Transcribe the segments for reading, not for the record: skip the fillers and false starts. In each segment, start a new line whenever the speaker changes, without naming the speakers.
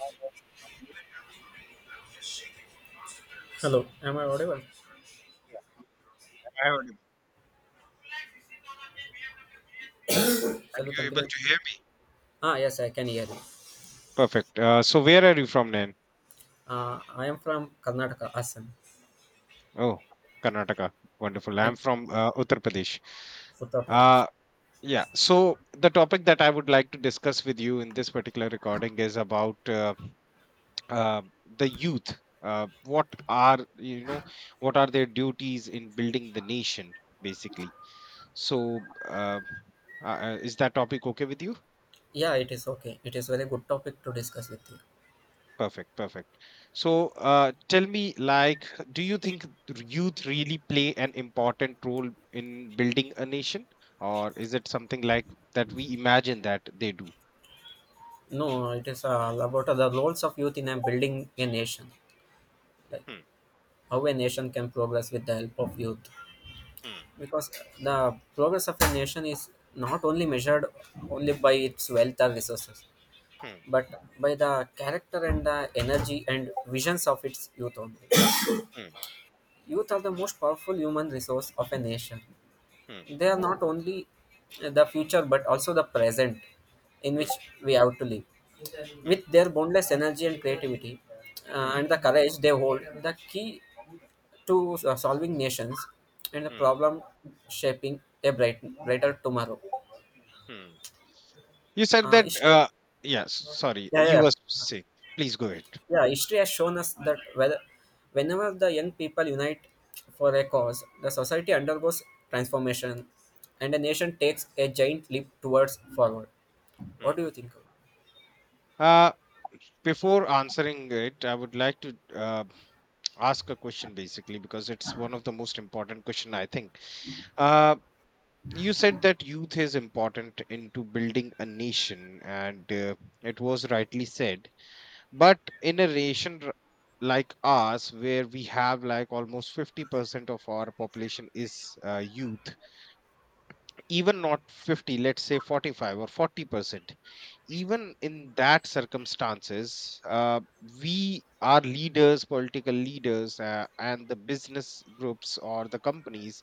How are you?
Hello, am I audible?
Yeah, you're audible. Am I audible? Are
Shall we
you able
continue?
to hear me?
Ah, yes, I can hear you.
Perfect. So where are you from, Nan?
I am from Karnataka, Assam,
Oh, Karnataka. Wonderful.
and
I'm from Uttar Pradesh.
Uttar
Uh,
Pradesh.
yeah. So the topic that I would like to discuss with you in this particular recording is about uh, the youth. What are? What are their duties in building the nation, basically? So uh, is that topic okay with you?
Yeah, it is okay. It is very good topic to discuss with you.
Perfect, perfect. So, tell me, like, do you think youth really play an important role in building a nation, or is it something like that we imagine that they do?
No, it is all about the roles of youth in a building a nation, like
Hmm,
how a nation can progress with the help of youth.
hmm,
Because the progress of a nation is not only measured only by its wealth or resources,
hmm,
but by the character and the energy and visions of its youth only.
hmm,
Youth are the most powerful human resource of a nation.
hmm,
They are not only the future but also the present in
hmm,
which we have to live.
hmm,
With their boundless energy and creativity
hmm,
and the courage they hold, the key to solving nations and the
hmm,
problem shaping a bright, brighter tomorrow.
hmm. You said that.
Ishra,
Yes. Sorry,
yeah, yeah,
you were
yeah.
sick. Please go ahead.
Yeah, history has shown us that whether, whenever the young people unite for a cause, the society undergoes transformation and the nation takes a giant leap towards forward. What
Hmm.
do you think?
Uh, Before answering it, I would like to ask a question basically because it's one of the most important question I think. Uh, you said that youth is important into building a nation and it was rightly said but in a nation like ours where we have like almost 50% of our population is youth, even not 50, let's say 45 or 40%. Even in that circumstances, we our leaders, political leaders, and the business groups or the companies,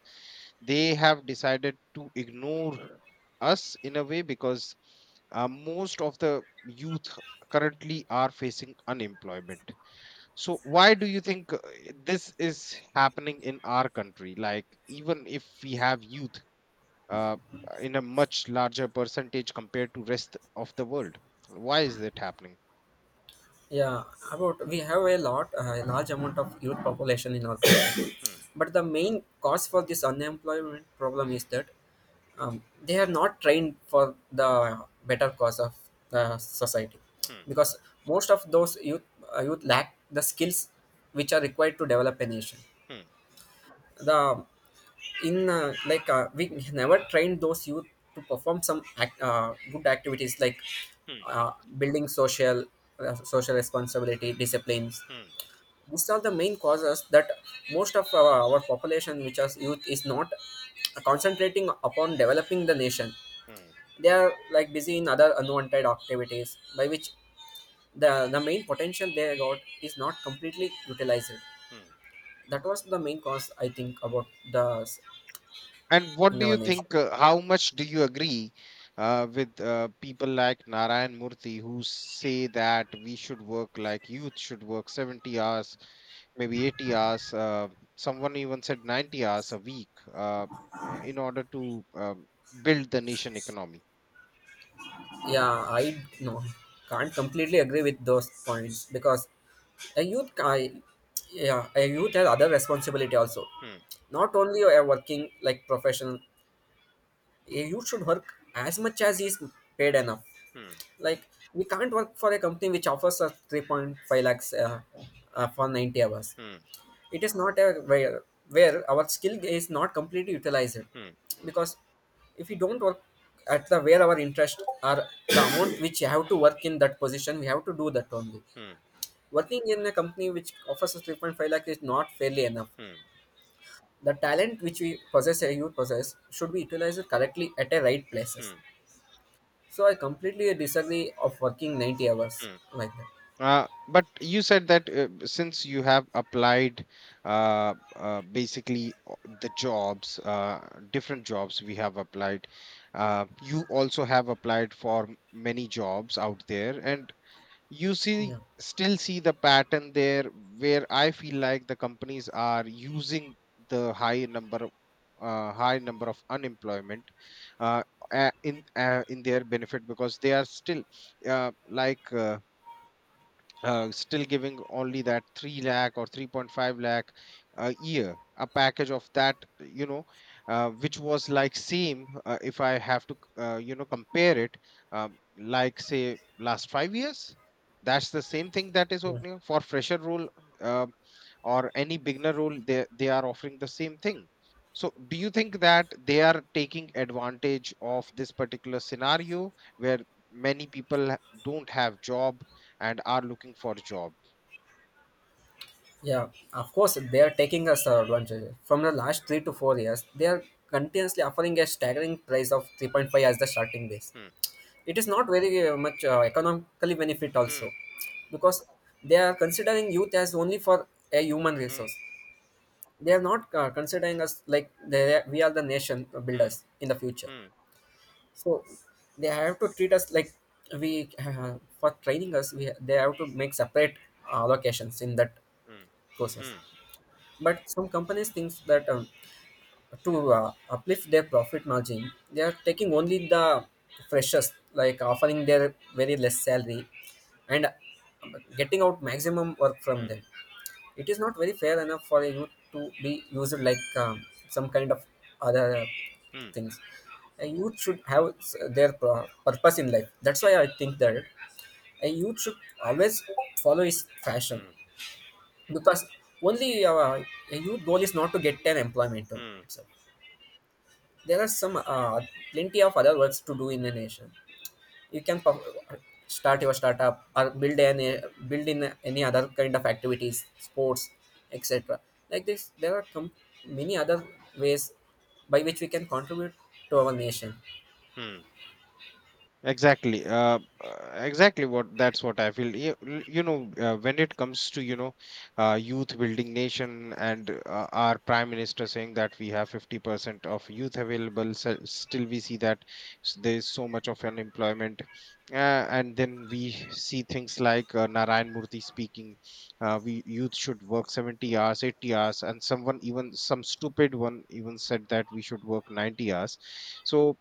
they have decided to ignore us in a way because most of the youth currently are facing unemployment. So why do you think this is happening in our country? Like even if we have youth uh, in a much larger percentage compared to rest of the world. Why is that happening?
Yeah, about we have a lot, a large amount of youth population in our country.
Hmm,
But the main cause for this unemployment problem is that they are not trained for the better cause of the society
hmm,
because most of those youth lack the skills which are required to develop a nation
hmm,
the in like we never trained those youth to perform some act, good activities like uh,
hmm,
building social responsibility disciplines.
hmm,
These are the main causes that most of our population which is youth is not concentrating upon developing the nation.
hmm,
They are like busy in other unwanted activities by which the main potential they got is not completely utilized.
hmm.
That was the main cause I think about the s-
And what
in
do
our
you
nation.
think? How much do you agree with people like Narayan Murthy who say that we should work like youth should work 70 hours, maybe 80 hours? Someone even said 90 hours a week in order to build the nation economy.
Yeah, I no can't completely agree with those points because a youth I, yeah a youth has other responsibility also,
Hmm,
not only a working like professional. A youth should work as much as he is paid enough.
hmm,
Like we can't work for a company which offers us 3.5 lakhs for 90 hours.
hmm,
It is not a where our skill is not completely utilized,
hmm,
because if we don't work at the where our interest are the amount which you have to work in that position, we have to do that only.
hmm,
Working in a company which offers us 3.5 lakh is not fairly enough.
hmm.
The talent which we possess, a you possess, should be utilized correctly at a right places.
Hmm,
So I completely disagree of working 90 hours
hmm.
like that.
But you said that since you have applied basically the jobs, different jobs we have applied, you also have applied for many jobs out there, and you see
Yeah,
still see the pattern there where I feel like the companies are using the high number of unemployment, uh, in their benefit because they are still uh, like uh, still giving only that 3 lakh or 3.5 lakh a year, a package of that, which was like same. If I have to, compare it, like say last 5 years, that's the same thing that is
yeah,
opening for fresher role, uh, or any beginner role. They are offering the same thing. So do you think that they are taking advantage of this particular scenario where many people don't have job and are looking for a job?
yeah. Of course, they are taking us advantage. From the last 3 to 4 years, they are continuously offering a staggering price of 3.5 as the starting base.
Hmm.
It is not very much economically benefit also,
Hmm.
because they are considering youth as only for a human
Hmm.
resource. They are not considering us like we are the nation
Hmm.
builders in the future.
Hmm.
So they have to treat us like we for training us. We they have to make separate allocations in that
Hmm.
process.
Hmm.
But some companies think that to uplift their profit margin, they are taking only the freshest, like offering their very less salary and getting out maximum work from
Hmm.
them. It is not very fair enough for you to be used like some kind of other
Hmm.
things. A youth should have their purpose in life. That's why I think that a youth should always follow his passion,
Hmm.
because only a youth goal is not to get an employment
Hmm.
itself. There are some plenty of other works to do in the nation. You can start your startup or build any build in any other kind of activities, sports, etc. Like this, there are many other ways by which we can contribute to our nation.
Hmm. Exactly. Exactly what that's what I feel. When it comes to, youth building nation and our prime minister saying that we have 50% of youth available, so still we see that there's so much of unemployment. Uh, and then we see things like Narayan Murthy speaking, we youth should work 70 hours, 80 hours, and someone, even some stupid one, even said that we should work 90 hours. So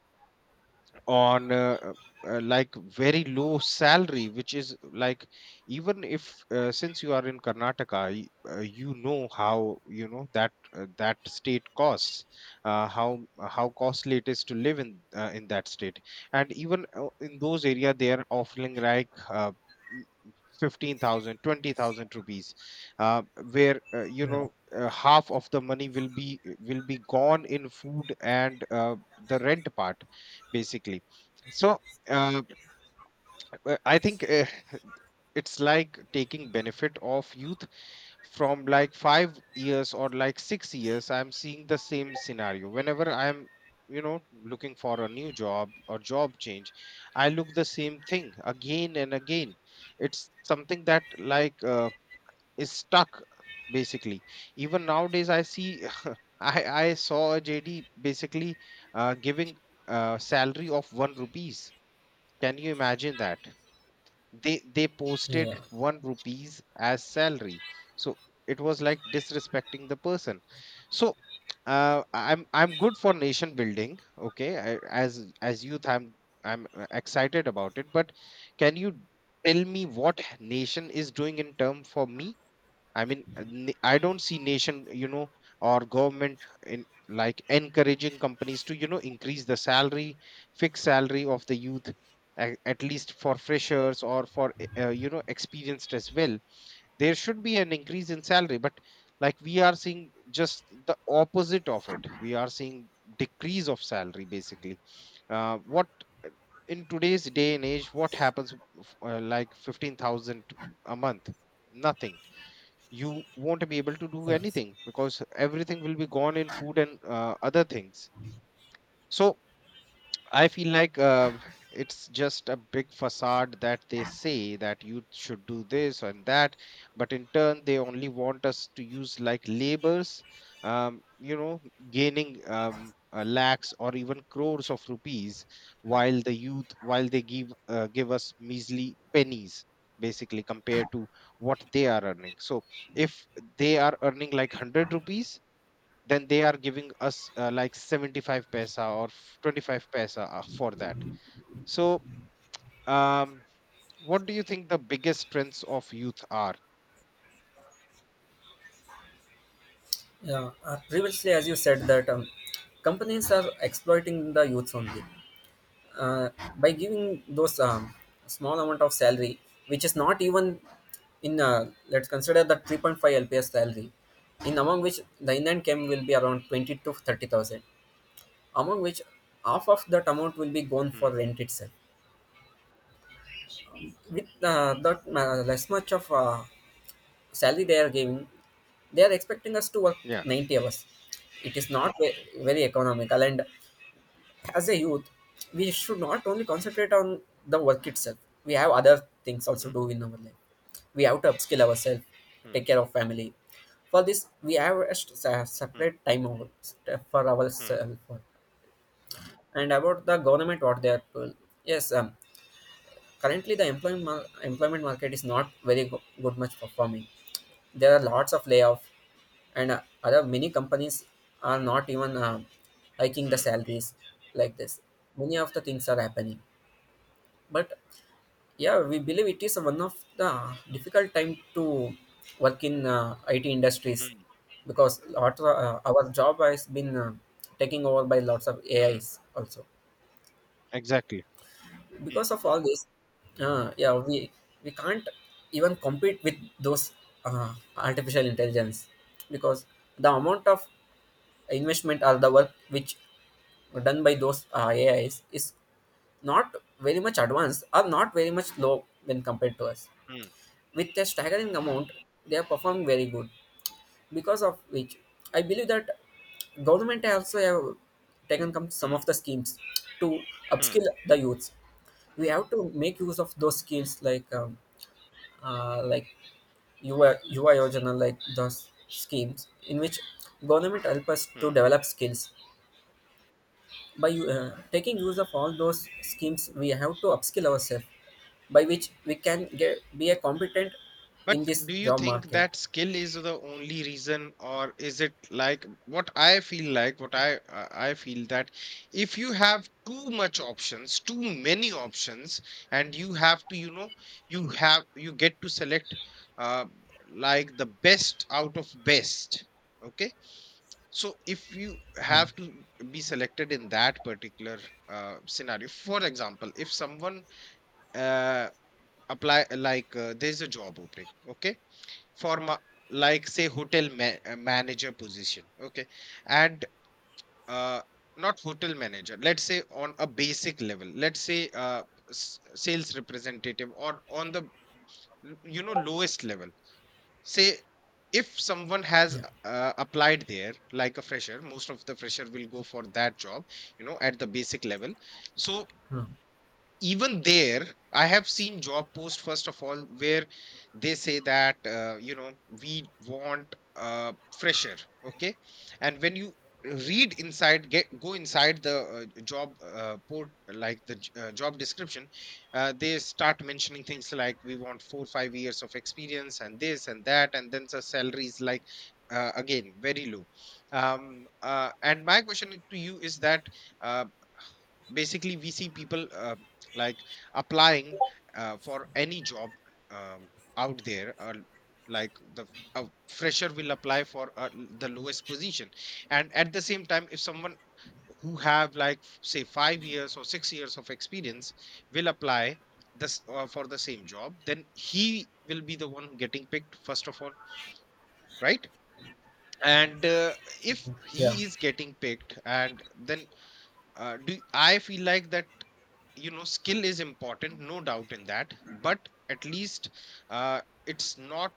on uh, uh, like very low salary which is like, even if, since you are in Karnataka, you know that that state costs, how costly it is to live in that state. And even in those area they are offering like m- 15,000 rupees, uh, where
Yeah,
half of the money will be gone in food and the rent part, basically. So uh, I think, it's like taking benefit of youth from like 5 years or like 6 years. I'm seeing the same scenario. Whenever I'm, looking for a new job or job change, I look the same thing again and again. It's something that like is stuck, basically. Even nowadays, I see. I saw a JD basically giving a salary of one rupees. Can you imagine that? They
yeah,
posted one rupees as salary. So it was like disrespecting the person. So I'm good for nation building. Okay, I, as youth, I'm excited about it. But can you tell me what nation is doing in term for me? I mean, I don't see nation, or government in like encouraging companies to, increase the salary, fixed salary of the youth, at least for freshers or for, experienced as well. There should be an increase in salary, but like we are seeing just the opposite of it. We are seeing decrease of salary, basically. What in today's day and age, what happens like 15,000 a month? Nothing. You won't be able to do
yeah.
anything because everything will be gone in food and other things. So I feel like it's just a big facade that they say that you should do this and that, but in turn they only want us to use like labors, um, you know, gaining lakhs or even crores of rupees, while the youth, while they give us measly pennies, basically, compared to what they are earning. So if they are earning like 100 rupees, then they are giving us like 75 paisa or 25 paisa for that. So um what do you think the biggest strengths of youth are?
Yeah. Previously, as you said that companies are exploiting the youths
Hmm.
only uh, by giving those small amount of salary, which is not even in let's consider the 3.5 lps salary, in among which the in and came will be around 20 to 30,000, among which half of that amount will be gone for
Hmm.
rent itself. With that less much of salary they are giving, they are expecting us to work
Yeah.
90 hours. It is not very economical, and as a youth, we should not only concentrate on the work itself. We have other things also
Hmm.
do in our life. We have to upskill ourselves,
Hmm.
take care of family. For this, we have a
Hmm.
separate time for
Hmm.
ourselves. And about the government, what they are doing. Yes, currently the employment employment market is not very good much performing. There are lots of layoff, and other many companies are not even hiking the
Hmm.
salaries. Like this, many of the things are happening, but yeah we believe it is one of the difficult time to work in it industries,
Hmm.
because lots of, our job has been taken over by lots of
Hmm.
ais also.
Exactly. Hmm.
Because of all this yeah we can't even compete with those artificial intelligence, because the amount of investment or the work which done by those ais is not very much advanced or not very much low when compared to us.
Hmm.
With a staggering amount they are performing very good, because of which I believe that government also have taken come some of
Hmm.
the schemes to
Hmm.
upskill the youths. We have to make use of those skills like UI, UI Yojana, like those schemes in which government help us to
Hmm.
develop skills. By taking use of all those schemes we have to upskill ourselves, by which we can get be a competent
But
in this
do you
job
think
market.
that skill is the only reason, or is it like what I feel like, what I feel that if you have too much options, too many options, and you have to, you get to select uh, like the best out of best. Okay, so if you have to be selected in that particular scenario, for example, if someone uh, apply like there's a job opening, okay, for manager position, okay. and uh, Not hotel manager, let's say on a basic level, let's say sales representative or on the, lowest level. Say if someone has
Yeah.
applied there like a fresher, most of the fresher will go for that job, at the basic level. So
Hmm.
even there I have seen job posts, first of all, where they say that, we want fresher, okay, and when you read inside get go inside the job port like the j- job description, they start mentioning things like we want 4 5 years of experience and this and that, and then the salary is like again very low. And my question to you is that, uh, basically we see people, like applying for any job, um, out there, or like, the a fresher will apply for the lowest position, and at the same time if someone who have like say 5 years or 6 years of experience will apply this for the same job, then he will be the one getting picked first of all, right? And if
Yeah,
he is getting picked, and then do I feel like that, skill is important, no doubt in that, but at least it's not,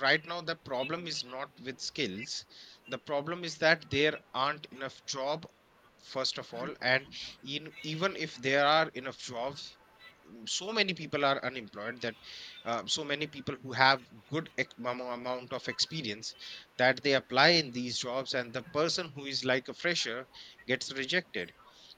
right now the problem is not with skills. The problem is that there aren't enough job, first of all, and even if there are enough jobs, so many people are unemployed that so many people who have good amount of experience, that they apply in these jobs, and the person who is like a fresher gets rejected.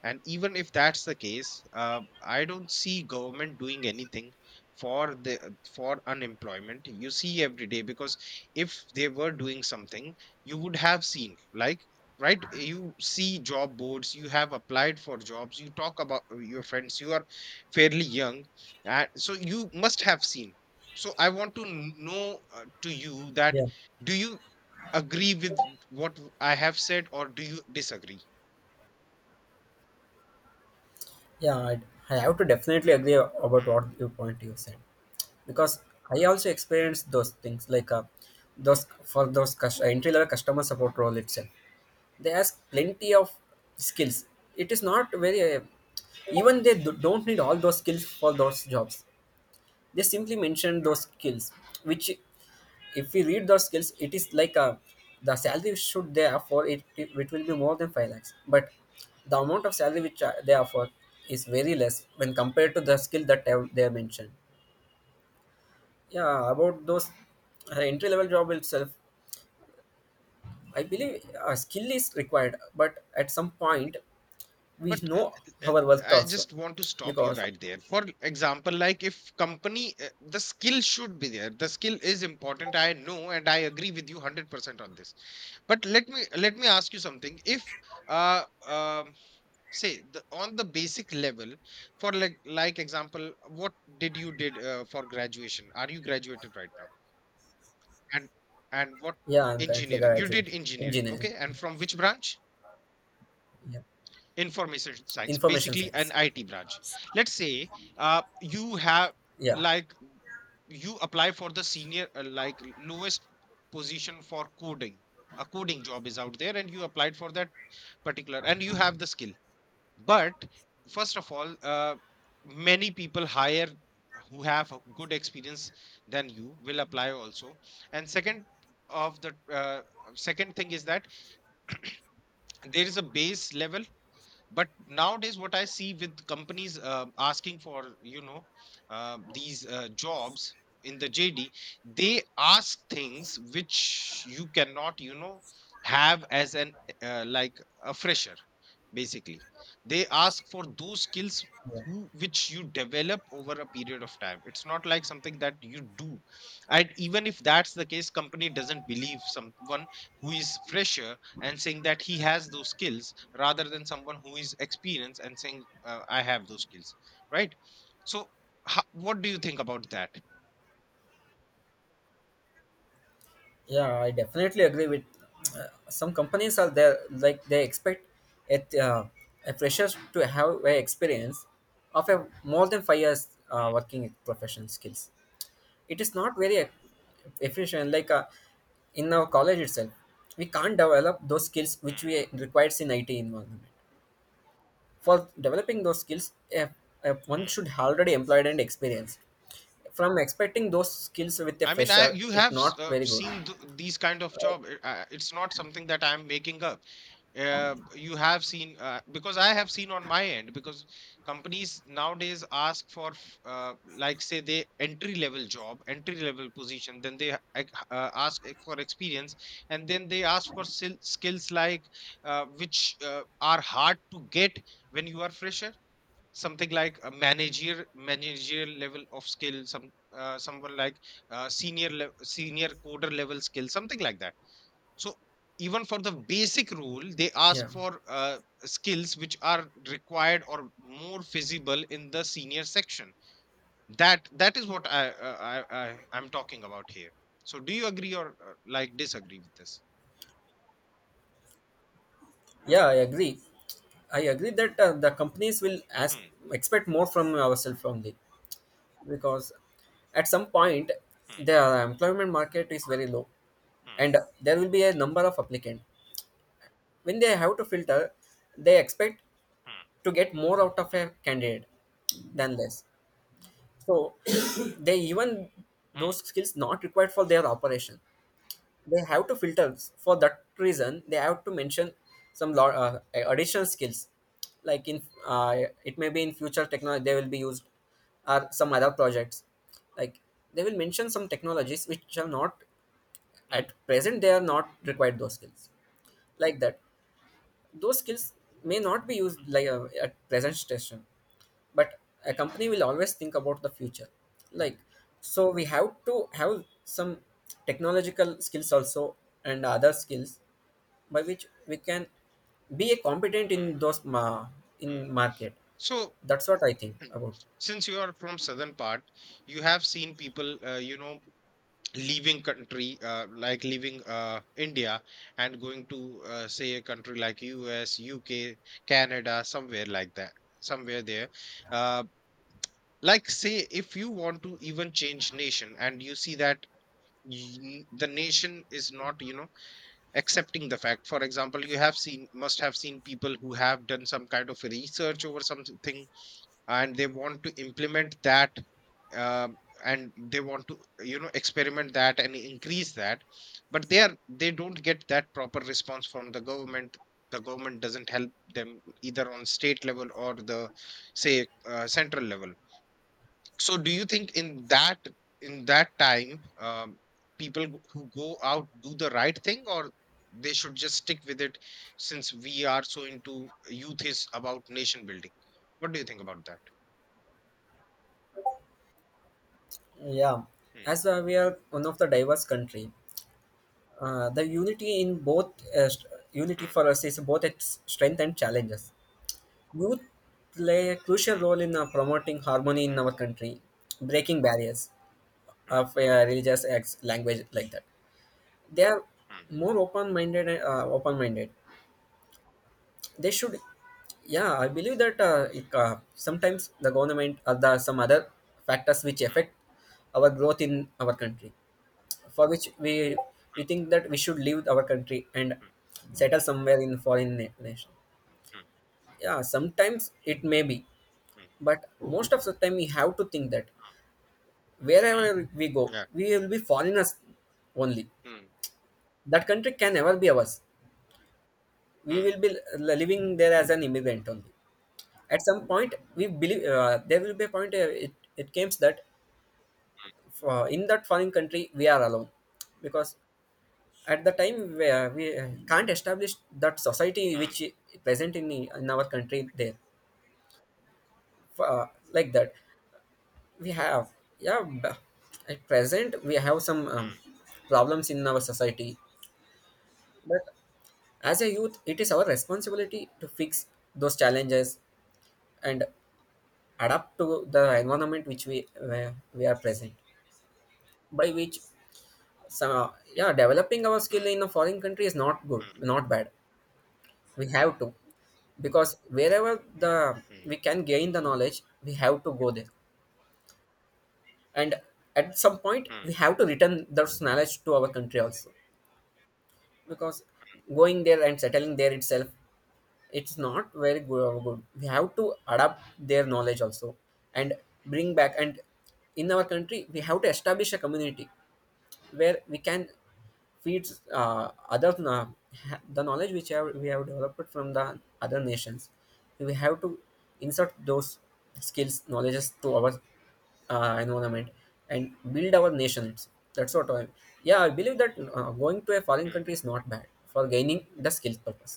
And even if that's the case, I don't see government doing anything for the for unemployment you see every day. Because if they were doing something, you would have seen like, right? You see job boards, you have applied for jobs, you talk about your friends, you are fairly young, and so you must have seen. So I want to know, to you that
yeah.
do you agree with what I have said or do you disagree?
Yeah, I have to definitely agree about
Hmm.
what you point you said, because I also experienced those things like those entry level customer support role itself. They ask plenty of skills. It is not very even they don't need all those skills for those jobs. They simply mentioned those skills, which if we read those skills it is like a, the salary should they offer it, it will be more than 5 lakhs, but the amount of salary which they offer is very less when compared to the skill that they have mentioned. Yeah, about those entry level job itself I believe a skill is required, but at some point we
but
know
uh, uh,
our worth
I
also,
just want to stop you
because
right there. For example, like if company the skill should be there, the skill is important, I know, and I agree with you 100% on this. But let me ask you something. If uh, um Say the, on the basic level, for like example, what did you did for graduation? Are you graduated right now? And and what
yeah I'm currently
engineering? You
graduated
did engineering,
engineering.
okay? And from which branch?
Yeah,
Information science,
information
basically an
science.
IT branch. Let's say you have
Yeah,
like you apply for the senior like lowest position for coding. A coding job is out there, and you applied for that particular, and you have the skill. But first of all, many people hire who have a good experience than you will apply also. And second of the second thing is that there is a base level. But nowadays what I see with companies asking for these jobs in the jd, they ask things which you cannot have as an uh, like a fresher basically. They ask for those skills
yeah.
which you develop over a period of time. It's not like something that you do. And even if that's the case, company doesn't believe someone who is fresher and saying that he has those skills rather than someone who is experienced and saying I have those skills, right? So what do you think about that?
Yeah, I definitely agree with. Some companies are there, like they expect it, uh, a fresher to have a experience of a more than 5 years working professional skills. It is not very efficient. Like in our college itself, we can't develop those skills which
Hmm,
we requires in IT environment. For developing those skills, one
hmm.
should already employed and experienced. From expecting those skills with a
I mean, I
fresher,
you
it's
have
not very good.
seen these kind of job. It's not something that I'm making up. You have seen because I have seen on my end. Because companies nowadays ask for like say they entry level job, entry level position, then they ask for experience. And then they ask for skills like which are hard to get when you are fresher. Something like a managerial level of skill, some someone like senior coder level skill, something like that. So even for the basic rule, they
Yeah,
ask for skills which are required or more feasible in the senior section. That is what I I'm talking about here. So do you agree or like disagree with this?
yeah, I agree. I agree that the companies will ask
Hmm,
expect more from ourselves only, because at some point
hmm,
the employment market is very low
hmm,
and there will be a number of applicants. When they have to filter, they expect
hmm,
to get more out of
hmm,
a candidate than less. So they even
hmm,
those skills not required for their operation. They have to filter. For that reason they have to mention some additional skills, like in it may be in future technology they will be used, or some other projects. Like they will mention some technologies which are not
hmm,
at present they are not required those skills like that. Those skills may not be used
hmm,
like at present station, but a
hmm,
company will always think about the future. Like so we have to have some technological skills also and other skills by which we can be a competent
hmm,
in those in
hmm.
market.
So
That's what I think about.
since you are from southern part, you have seen people leaving country like leaving india and going to say a country like us, uk, canada, somewhere like that, somewhere there. uh, like say if you want to even change nation and you see that the nation is not accepting the fact. For example, you have seen, must have seen people who have done some kind of research over something and they want to implement that, um, and they want to experiment that and increase that, but they don't get that proper response from the government. The government doesn't help them either on state level or the say central level. So do you think in that, in that time, people who go out do the right thing, or they should just stick with it? Since we are so into youth is about nation building, what do you think about that?
Yeah,
Hmm.
as we are one of the diverse country. The unity unity
Mm,
for us is both its strength and challenges. Youth play a crucial
mm,
role in promoting harmony in
mm,
our country, breaking barriers
mm,
of religious acts, language like that. They are
mm,
more open-minded. Open-minded. They should. Yeah, I believe that sometimes the government or the some other factors which
mm,
affect our growth in our country, for which we think that we should leave our country and
mm,
settle somewhere in foreign nation.
mm,
Yeah, sometimes it may be,
mm, mm,
but most of the time we have to think that wherever we go
yeah.
we will be foreigners only.
Mm,
That country can never be ours. We
mm,
will be living there as an immigrant only. At some point we believe there will be a point it comes that in that foreign country we are alone, because at the time where we can't establish that society
mm,
which is present in our country there. uh, like that we have, yeah b- at present we have some
mm,
problems in our society, but as a youth it is our responsibility to fix those challenges and adapt to the
mm,
environment which we where we are present, by which some yeah, developing our skill
mm,
in a foreign country is not good not bad. We have to, because wherever the
mm, mm,
we can gain the knowledge we have to go there, and at some point we have to return those knowledge to our country also, because going there and settling there itself, it's not very good. We have to adapt their knowledge also and bring back, and in our country we have to establish a community where we can feed other the knowledge which have, we have developed from the other nations. We have to insert those skills, knowledges to our environment and build our nations. That's what I. Yeah, I believe that going to a foreign
mm,
country is
mm.
not bad for gaining the skill purpose,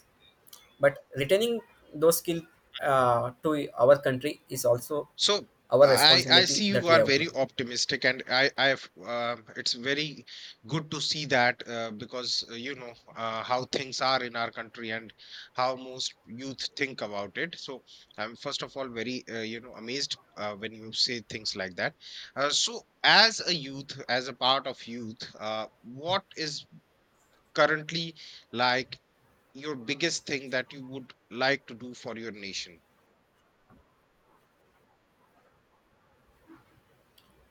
but retaining those skill to our country is also
So
our
I see
responsibility that
you
we
are
have to
very
do.
optimistic, and I've it's very good to see that. Because how things are in our country and how most youth think about it. So I'm first of all very amazed when you say things like that. So as a youth, as a part of youth, what is currently like your biggest thing that you would like to do for your nation?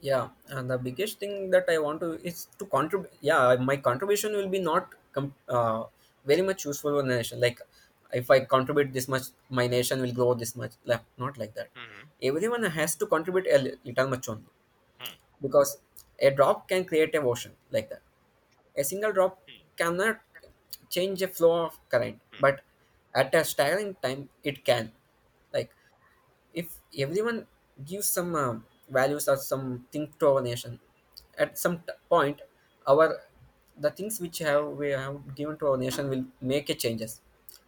Yeah, and the biggest thing that I want to is to contribute. Yeah, my contribution will be not com- very much useful for the nation, like if I contribute this much my nation will grow this much, like, not like that.
hmm
Everyone has to contribute a little much only, because a drop can create a ocean, like that. A single drop
hmm
cannot change the flow of current,
hmm
but at a staggering time it can. Like, if everyone gives some values or something to our nation, at some point our the things which
hmm
have we have given to our nation will make a changes.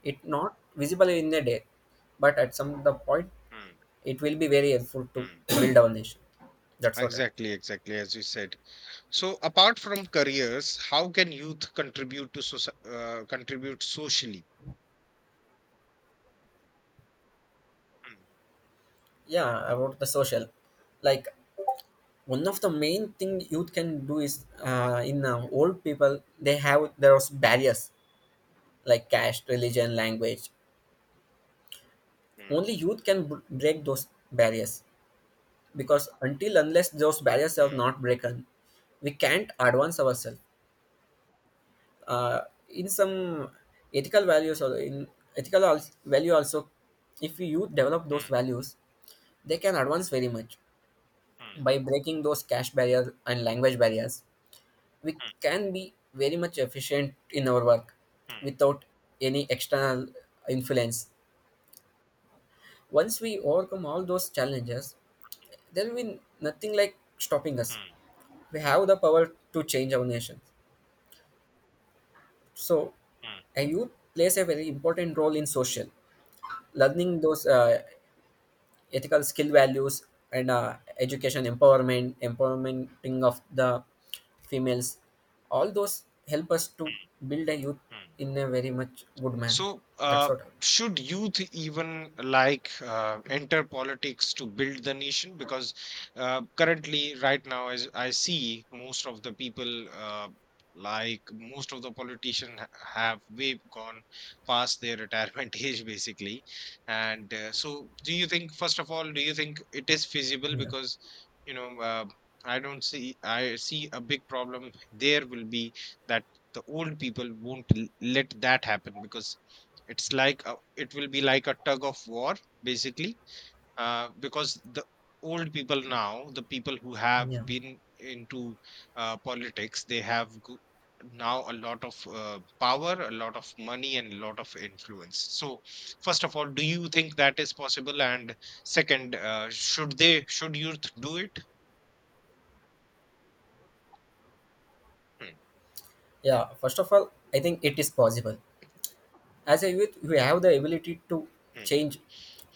It not visible in a day, but at some the point
hmm
it will be very helpful to
Hmm.
build our nation. That's what I.
Exactly, exactly, as you said. So, apart from careers, how can youth contribute to soci contribute socially? Mm,
Yeah, about the social, like one of the main thing youth can do is in
mm,
old people they have there was barriers like caste, religion, language.
mm,
Only youth can break those barriers, because until unless those barriers are
mm,
not broken we can't advance ourselves. uh, in some ethical values, or in ethical value also, if we youth develop
mm,
those values, they can advance very much.
mm,
By breaking those cash barriers and language barriers, we can be very much efficient in our work
mm, mm,
without any external influence. Once we overcome all those challenges, there will be nothing like stopping us.
mm,
We have the power to change our nation. So,
mm,
a youth plays a very important role in social, learning those ethical skill values, and education empowerment, empowermenting of the females. All those help us to build a youth
mm.
in a very much good manner.
So,
That's what I.
should youth even like enter politics to build the nation? Because currently, right now, as I see, most of the people, like most of the politicians, have way gone past their retirement age, basically. And so, do you think, first of all, do you think it is feasible?
Yeah.
Because, you know, I don't see, I see a big problem there will be that the old people won't let that happen. Because it's like a, it will be like a tug of war, basically, because the old people now, the people who have
Yeah.
been into politics, they have now a lot of power, a lot of money, and a lot of influence. So, first of all, do you think that is possible? And second, should they, should youth do it? Hmm,
Yeah, first of all, I think it is possible. As a youth we have the ability to
hmm,
change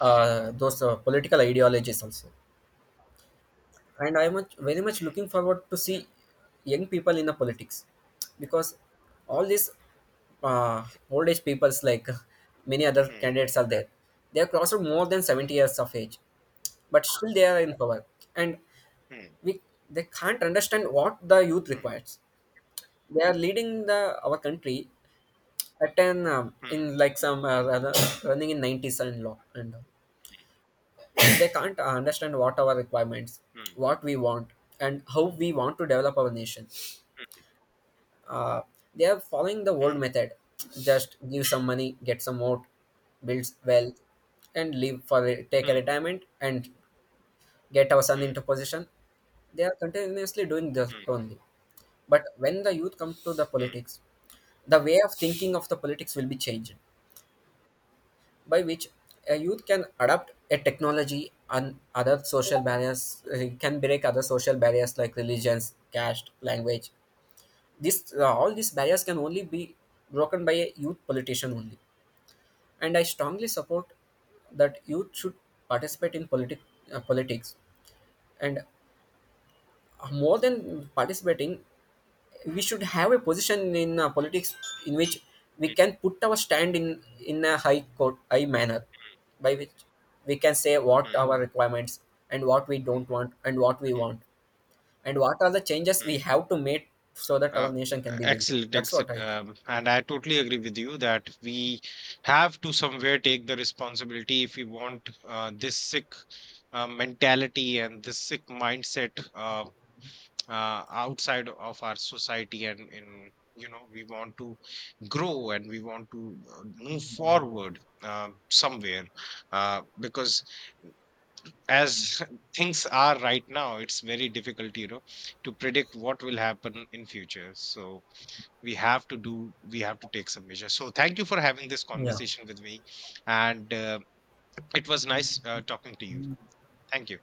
those political ideologies also, and I am very much
hmm,
looking forward to see young people in the politics, because all these uh, old age peoples, like many other
hmm,
candidates are
that-
there. They are crossed more than 70 years of age, but still they are in power, and
hmm,
we they can't understand what the youth
hmm,
requires. They are leading the our country at 10 in
hmm,
like some rather running in 90s and law and all. They can't understand what our requirements,
hmm.
what we want, and how we want to develop our nation. uh, they are following the old
Hmm,
method, just give some money, get some vote, build wealth, and leave for take a
hmm,
retirement and get our son
hmm,
into position. They are continuously doing this
hmm,
only. But when the youth come to the
hmm,
politics, the way of thinking of the politics will be changed, by which a youth can adapt a technology and other social barriers, can break other social barriers like religions, caste, language. This all these barriers can only be broken by a youth politician only. And I strongly support that youth should participate in politics, and more than participating we should have a position in politics, in which we
hmm,
can put our stand in a high court high manner, by which we can say
hmm,
what
hmm,
our requirements, and what we don't want and what we want, and what are the changes we
hmm,
have to make, so that our
Uh,
nation can be built.
excellent,
That's what
excellent.
I think.
And I totally agree with you that we have to somewhere take the responsibility if we want this sick mentality and this sick mindset, outside of our society. And in, you know, we want to grow and we want to move forward. Somewhere because as things are right now, it's very difficult, you know, to predict what will happen in future. So we have to do, we have to take some measures. So thank you for having this
Yeah.
conversation with me. And it was nice talking to you. Thank you.